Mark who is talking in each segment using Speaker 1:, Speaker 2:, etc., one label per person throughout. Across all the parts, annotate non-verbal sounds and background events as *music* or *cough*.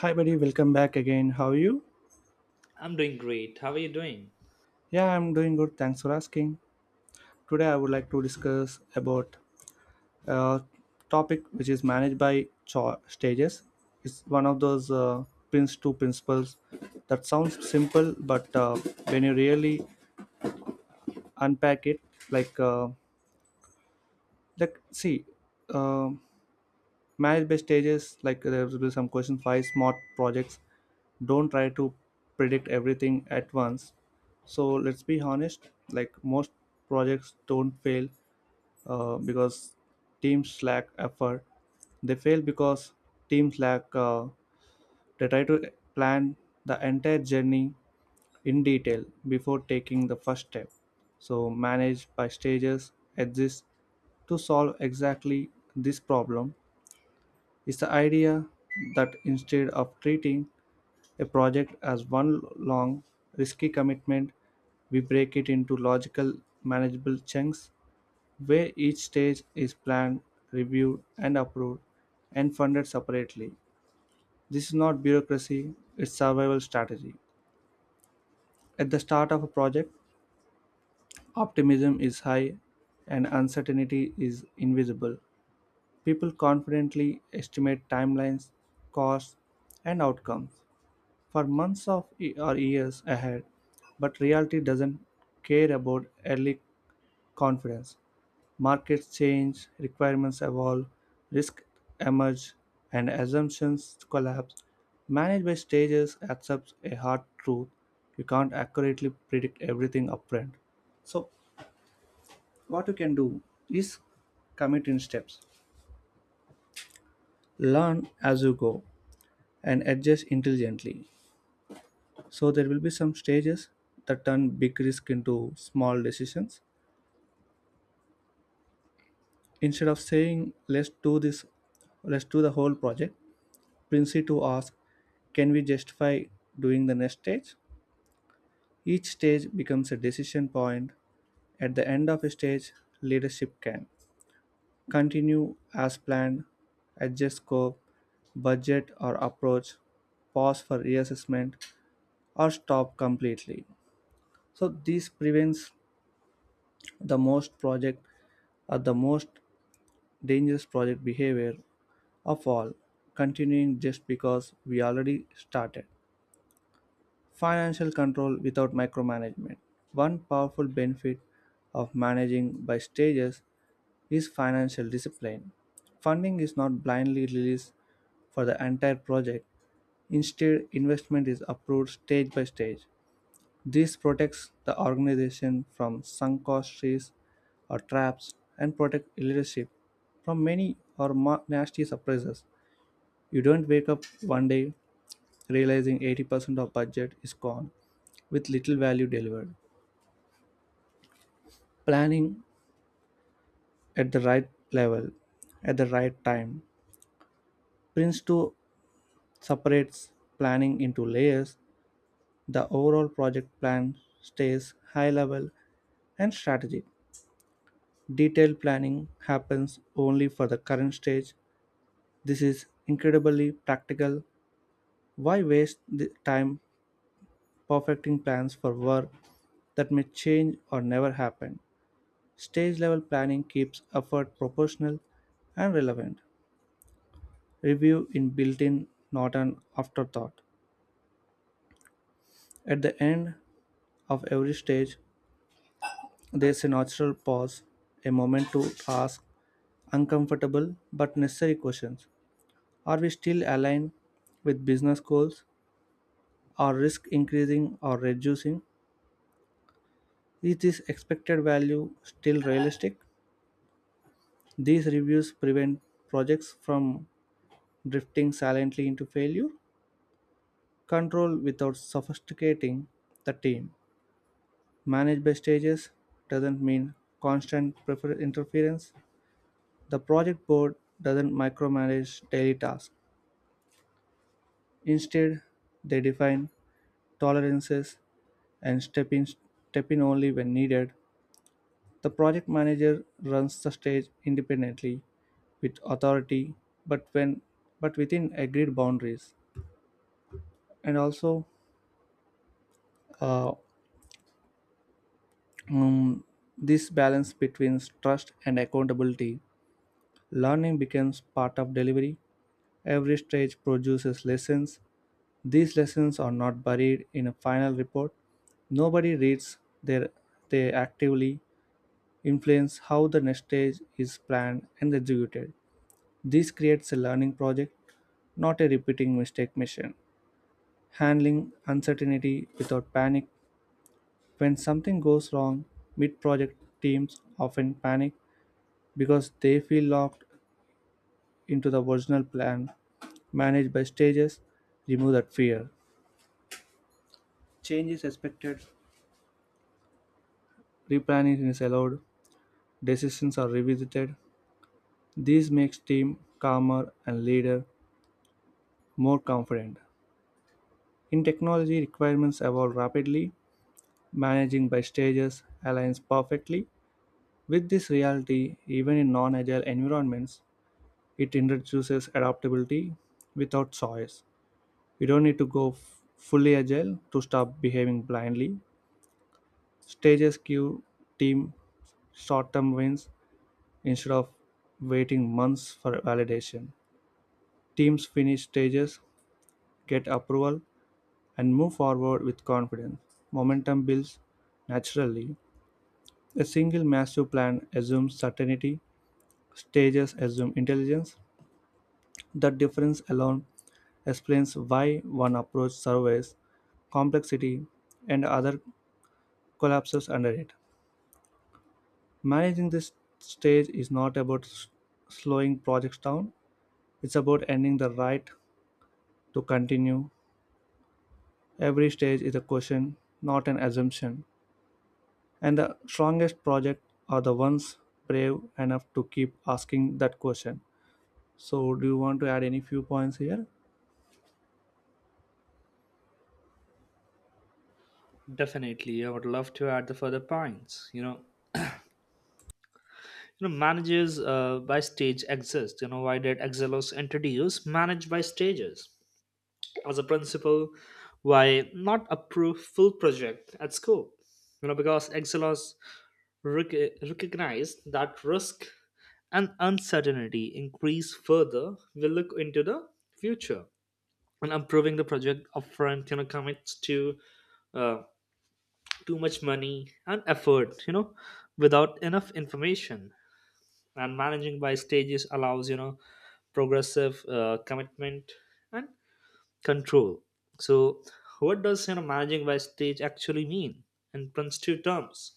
Speaker 1: Hi, buddy. Welcome back again. How are you?
Speaker 2: I'm doing great. How are you doing?
Speaker 1: Yeah, I'm doing good. Thanks for asking. Today, I would like to discuss about a topic which is managed by stages. It's one of those pins two principles that sounds simple, but when you really unpack it, like uh, like see, uh, Manage by stages, like there will be some question five smart projects don't try to predict everything at once. So let's be honest, like most projects don't fail because teams lack effort. They fail because teams lack they try to plan the entire journey in detail before taking the first step. So manage by stages exists to solve exactly this problem. Is the idea that instead of treating a project as one long, risky commitment, we break it into logical, manageable chunks where each stage is planned, reviewed, and approved and funded separately. This is not bureaucracy, it's survival strategy. At the start of a project, optimism is high and uncertainty is invisible. People confidently estimate timelines, costs, and outcomes for months of or years ahead. But reality doesn't care about early confidence. Markets change, requirements evolve, risks emerge, and assumptions collapse. Managed by stages accepts a hard truth. You can't accurately predict everything upfront. So, what you can do is commit in steps, learn as you go, and adjust intelligently. So there will be some stages that turn big risk into small decisions. Instead of saying let's do this, let's do the whole project, Princey to ask, can we justify doing the next stage? Each stage becomes a decision point. At the end of a stage, leadership can continue as planned, adjust scope, budget or approach, pause for reassessment, or stop completely. So this prevents the most project or the most dangerous project behavior of all, continuing just because we already started. Financial control without micromanagement. One powerful benefit of managing by stages is financial discipline. Funding is not blindly released for the entire project, instead, investment is approved stage by stage. This protects the organization from sunk cost trees or traps and protects leadership from many or nasty surprises. You don't wake up one day realizing 80% of budget is gone with little value delivered. Planning at the right level, at the right time. Prince 2 separates planning into layers. The overall project plan stays high level and strategic. Detailed planning happens only for the current stage. This is incredibly practical. Why waste the time perfecting plans for work that may change or never happen? Stage level planning keeps effort proportional and relevant. Review in built in, not an afterthought. At the end of every stage, there's a natural pause, a moment to ask uncomfortable but necessary questions. Are we still aligned with business goals? Are risk increasing or reducing? Is this expected value still realistic? These reviews prevent projects from drifting silently into failure. Control without sophisticating the team. Managed by stages doesn't mean constant interference. The project board doesn't micromanage daily tasks. Instead, they define tolerances and step in only when needed. The project manager runs the stage independently with authority, but when but within agreed boundaries. And also, uh, um, this balance between trust and accountability. Learning becomes part of delivery. Every stage produces lessons. These lessons are not buried in a final report. Nobody reads their, they actively influence how the next stage is planned and executed. This creates a learning project, not a repeating mistake mission. Handling uncertainty without panic. When something goes wrong, mid project teams often panic because they feel locked into the original plan managed by stages, remove that fear. Change is expected, replanning is allowed, decisions are revisited. This makes team calmer and leader more confident. In technology, requirements evolve rapidly. Managing by stages aligns perfectly with this reality, even in non agile environments. It introduces adaptability without choice. You don't need to go fully agile to stop behaving blindly. Stages give team short term wins instead of waiting months for validation. Teams finish stages, get approval, and move forward with confidence. Momentum builds naturally. A single massive plan assumes certainty, stages assume intelligence. That difference alone explains why one approach surveys complexity and other collapses under it. Managing this stage is not about slowing projects down, it's about ending the right. To continue, every stage is a question, not an assumption. And the strongest projects are the ones brave enough to keep asking that question. So, do you want to add any few points here?
Speaker 2: Definitely, I would love to add the further points. Managers by stage exist. Why did Exelos introduce manage by stages as a principle? Why not approve full project at school? Because Exelos recognized that risk and uncertainty increase further. We look into the future and approving the project upfront. Commits to. Uh, Too much money and effort, without enough information, and managing by stages allows, progressive commitment and control. So what does, managing by stage actually mean in Prince two terms?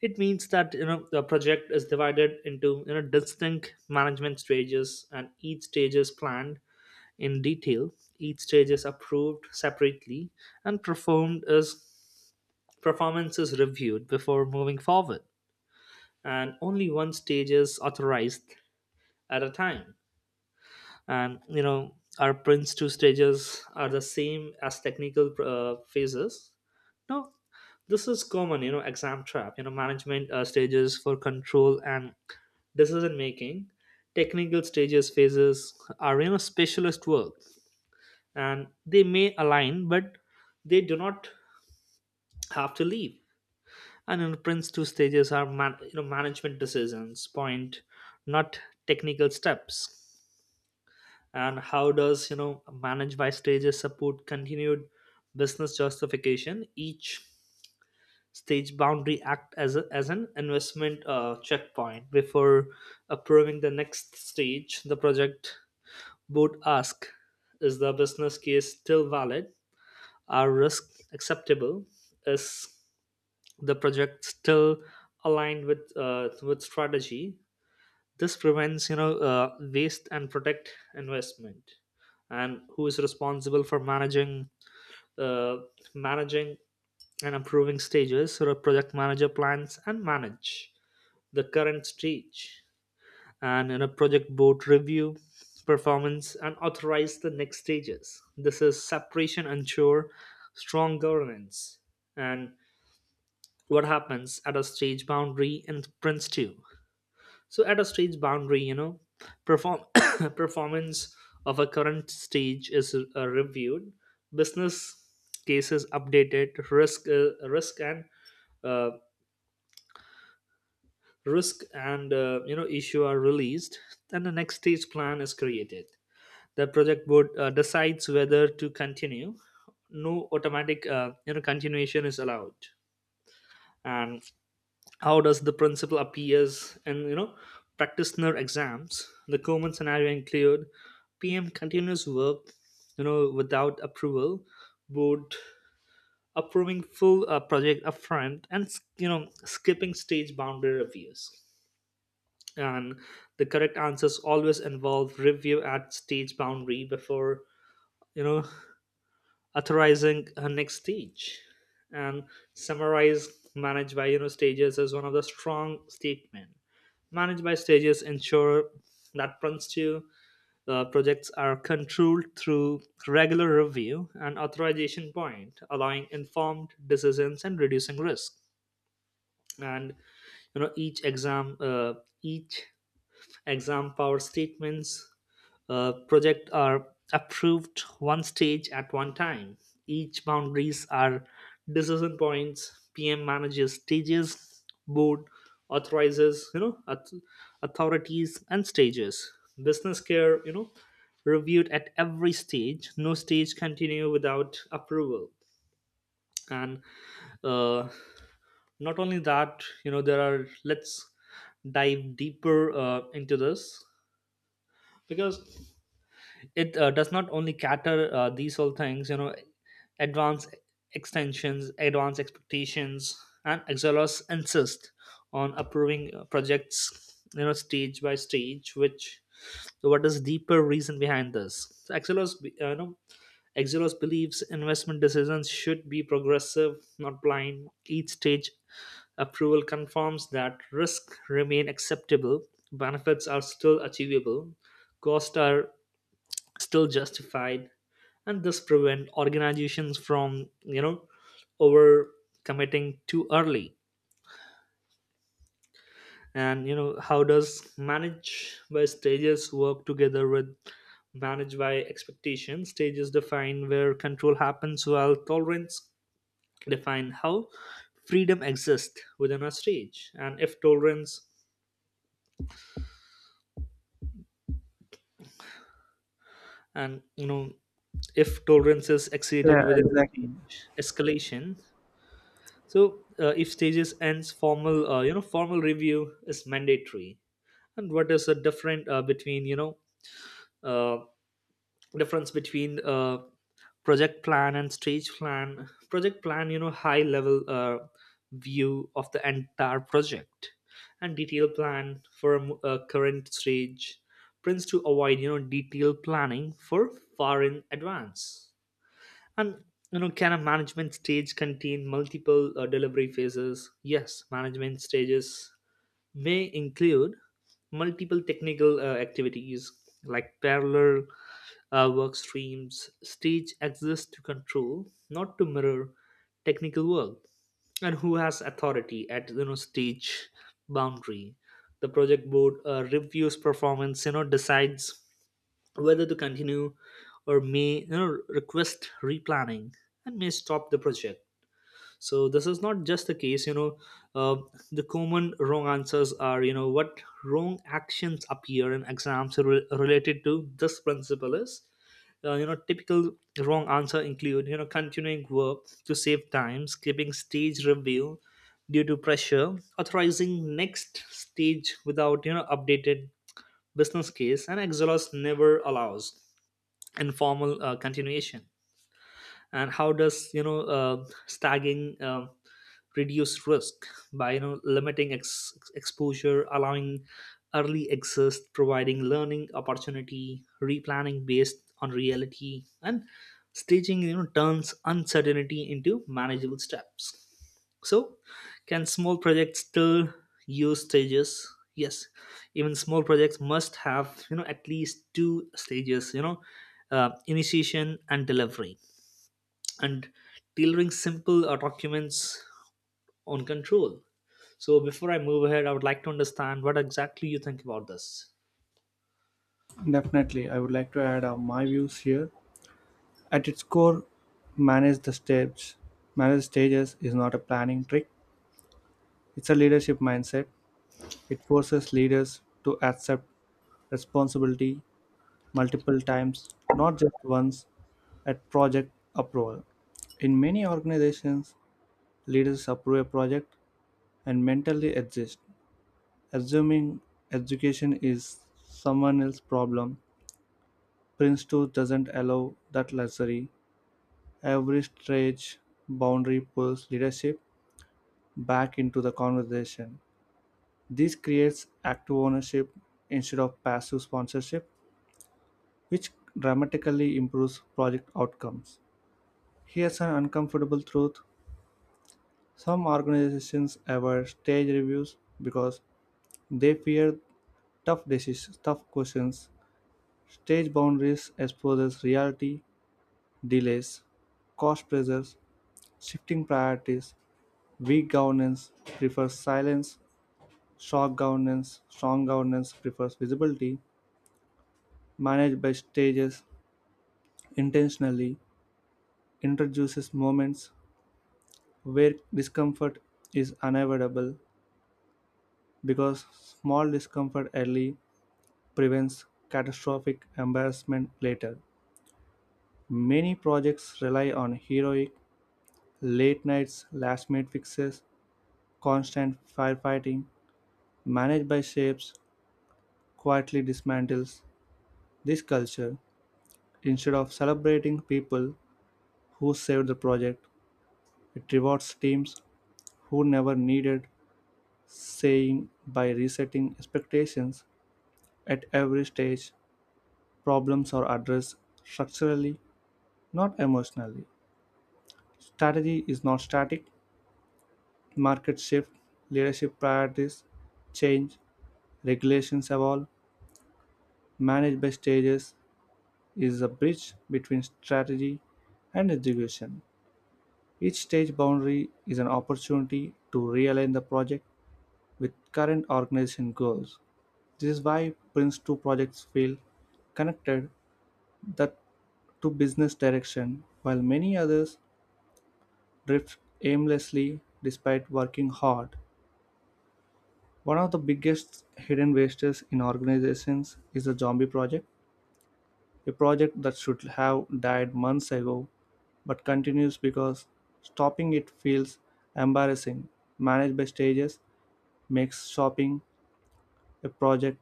Speaker 2: It means that, the project is divided into, distinct management stages, and each stage is planned in detail. Each stage is approved separately and performed as performance is reviewed before moving forward, and only one stage is authorized at a time. And, our prints two stages are the same as technical phases? No, this is common, exam trap. Management stages for control and decision making. Technical stages phases are, specialist work, and they may align, but they do not have to leave. And in Prince two stages are man, management decisions point, not technical steps. And how does, manage by stages support continued business justification? Each stage boundary act as as an investment checkpoint before approving the next stage. The project board ask, is the business case still valid? Are risk acceptable? Is the project still aligned with strategy? This prevents, waste, and protect investment. And who is responsible for managing uh, managing and approving stages? So the project manager plans and manage the current stage, and in a project board review performance and authorize the next stages. This is separation ensure strong governance. And what happens at a stage boundary in Prince 2? So at a stage boundary, perform *coughs* performance of a current stage is reviewed, business cases updated, risk uh, risk and issue are released. Then the next stage plan is created. The project board decides whether to continue. No automatic, continuation is allowed. And how does the principle appears in, practitioner exams? The common scenario include PM continuous work, without approval, board approving full project upfront, and, skipping stage boundary reviews. And the correct answers always involve review at stage boundary before, you know authorizing her next stage. And summarize managed by, stages as one of the strong statement. Managed by stages ensure that Prince 2 projects are controlled through regular review and authorization point, allowing informed decisions and reducing risk. And, you know each exam uh, each exam power statements, project are approved one stage at one time. Each boundaries are decision points. PM manages stages, board authorizes, you know, authorities and stages. Business care, you know, reviewed at every stage. No stage continue without approval. And uh, not only that, you know, there are, let's dive deeper into this, because it does not only cater these all things. Advanced extensions, advanced expectations. And Exelos insist on approving projects, stage by stage, which, so what is deeper reason behind this? So, Exelos believes investment decisions should be progressive, not blind. Each stage approval confirms that risk remain acceptable, benefits are still achievable, costs are still justified, and this prevent organizations from, over committing too early. And, how does manage by stages work together with manage by expectation? Stages define where control happens, while tolerance define how freedom exists within a stage. And if tolerance is exceeded
Speaker 1: Yeah,
Speaker 2: within a
Speaker 1: exactly.
Speaker 2: stage, escalation. So, if stages ends, formal, formal review is mandatory. And what is the different between you know uh, difference between, project plan and stage plan? Project plan, you know, high level view of the entire project, and detailed plan for a current stage. Prints to avoid, detailed planning for far in advance. And, you know, can a management stage contain multiple delivery phases? Yes, management stages may include multiple technical activities, like parallel work streams. Stage exists to control, not to mirror technical work. And who has authority at, stage boundary? The project board reviews performance. You know, decides whether to continue, or may, you know, request replanning, and may stop the project. So this is not just the case, uh, the common wrong answers are, what wrong actions appear in exams related to this principle is, typical wrong answer include, continuing work to save time, skipping stage review due to pressure, authorizing next stage without, updated business case. And exhaust never allows informal continuation. And how does, stagging reduce risk? By, limiting exposure, allowing early access, providing learning opportunity, replanning based on reality. And staging, you know, turns uncertainty into manageable steps. So, can small projects still use stages? Yes, even small projects must have, at least 2 stages. You know, initiation and delivery, and delivering simple documents on control. So, before I move ahead, I would like to understand what exactly you think about this.
Speaker 1: Definitely. I would like to add my views here. At its core, manage the steps. Manage stages is not a planning trick, it's a leadership mindset. It forces leaders to accept responsibility multiple times, not just once, at project approval. In many organizations, leaders approve a project and mentally exist, assuming education is someone else's problem. Princeton doesn't allow that luxury. Every stretch boundary pulls leadership back into the conversation. This creates active ownership instead of passive sponsorship, which dramatically improves project outcomes. Here's an uncomfortable truth. Some organizations avoid stage reviews because they fear tough decisions, tough questions. Stage boundaries exposes reality, delays, cost pressures, shifting priorities, weak governance prefers silence, shock governance, strong governance prefers visibility, managed by stages intentionally introduces moments where discomfort is unavoidable because small discomfort early prevents catastrophic embarrassment later. Many projects rely on heroic late nights, last minute fixes, constant firefighting, managed by shapes, quietly dismantles this culture. Instead of celebrating people who saved the project, it rewards teams who never needed saying by resetting expectations at every stage. Problems are addressed structurally, not emotionally. Strategy is not static, Market shift, leadership priorities change, regulations evolve. Managed by stages is a bridge between strategy and execution. Each stage boundary is an opportunity to realign the project with current organization goals. This is why Prince 2 projects feel connected that to business direction, while many others drift aimlessly despite working hard. One of the biggest hidden wastes in organizations is the zombie project, a project that should have died months ago but continues because stopping it feels embarrassing. Managed by stages makes stopping a project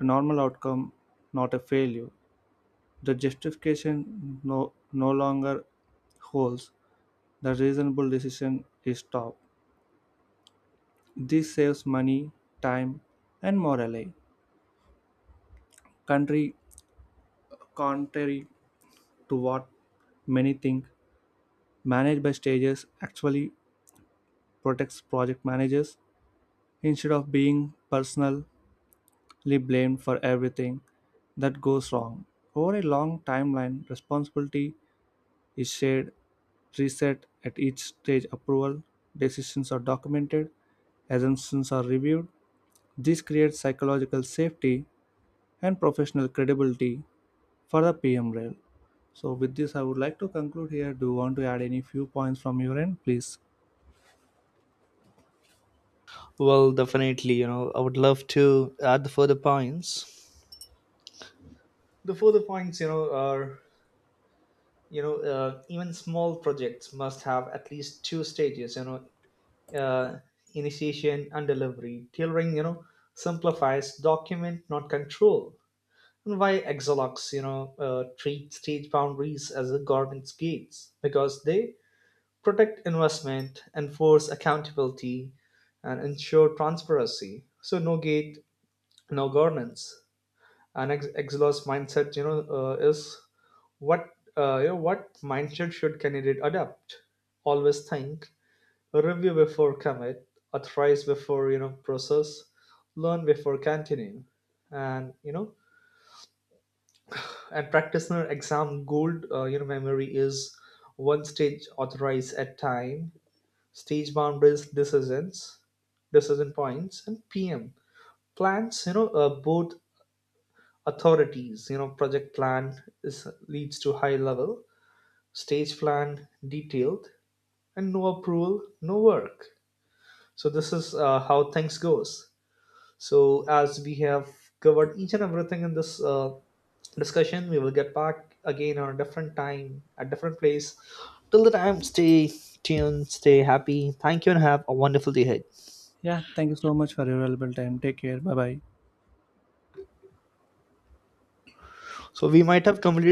Speaker 1: a normal outcome, not a failure. The justification no longer holds. The reasonable decision is stopped. This saves money, time, and morale. Country Contrary to what many think managed by stages actually protects project managers instead of being personally blamed for everything that goes wrong. Over a long timeline, responsibility is shared, reset at each stage approval, decisions are documented, assumptions are reviewed. This creates psychological safety and professional credibility for the PM rail. So with this I would like to conclude here. Do you want to add any few points from your end? Please.
Speaker 2: Well, definitely, you know, I would love to add the further points. The further points, you know, are, even small projects must have at least 2 stages. You know, uh, initiation and delivery. Tailoring, you know, simplifies document, not control. And why Exalox, you know, treat stage boundaries as the government's gates? Because they protect investment, enforce accountability, and ensure transparency. So no gate, no governance. And Exalox mindset, you know, is what, you know, what mindset should candidate adopt? Always think, review before commit, authorize before, you know, process, learn before continuing, and, you know, and practitioner exam gold, you know, memory is one stage authorize at time, stage boundaries decisions, decision points, and PM plans. You know, both authorities. You know, project plan is leads to high level, stage plan detailed, and no approval, no work. So this is, how things goes. So, as we have covered each and everything in this, discussion, we will get back again on a different time, a different place. Till the time, stay tuned, stay happy. Thank you, and have a wonderful day ahead.
Speaker 1: Yeah, thank you so much for your valuable time. Take care. Bye bye.
Speaker 2: So, we might have completed.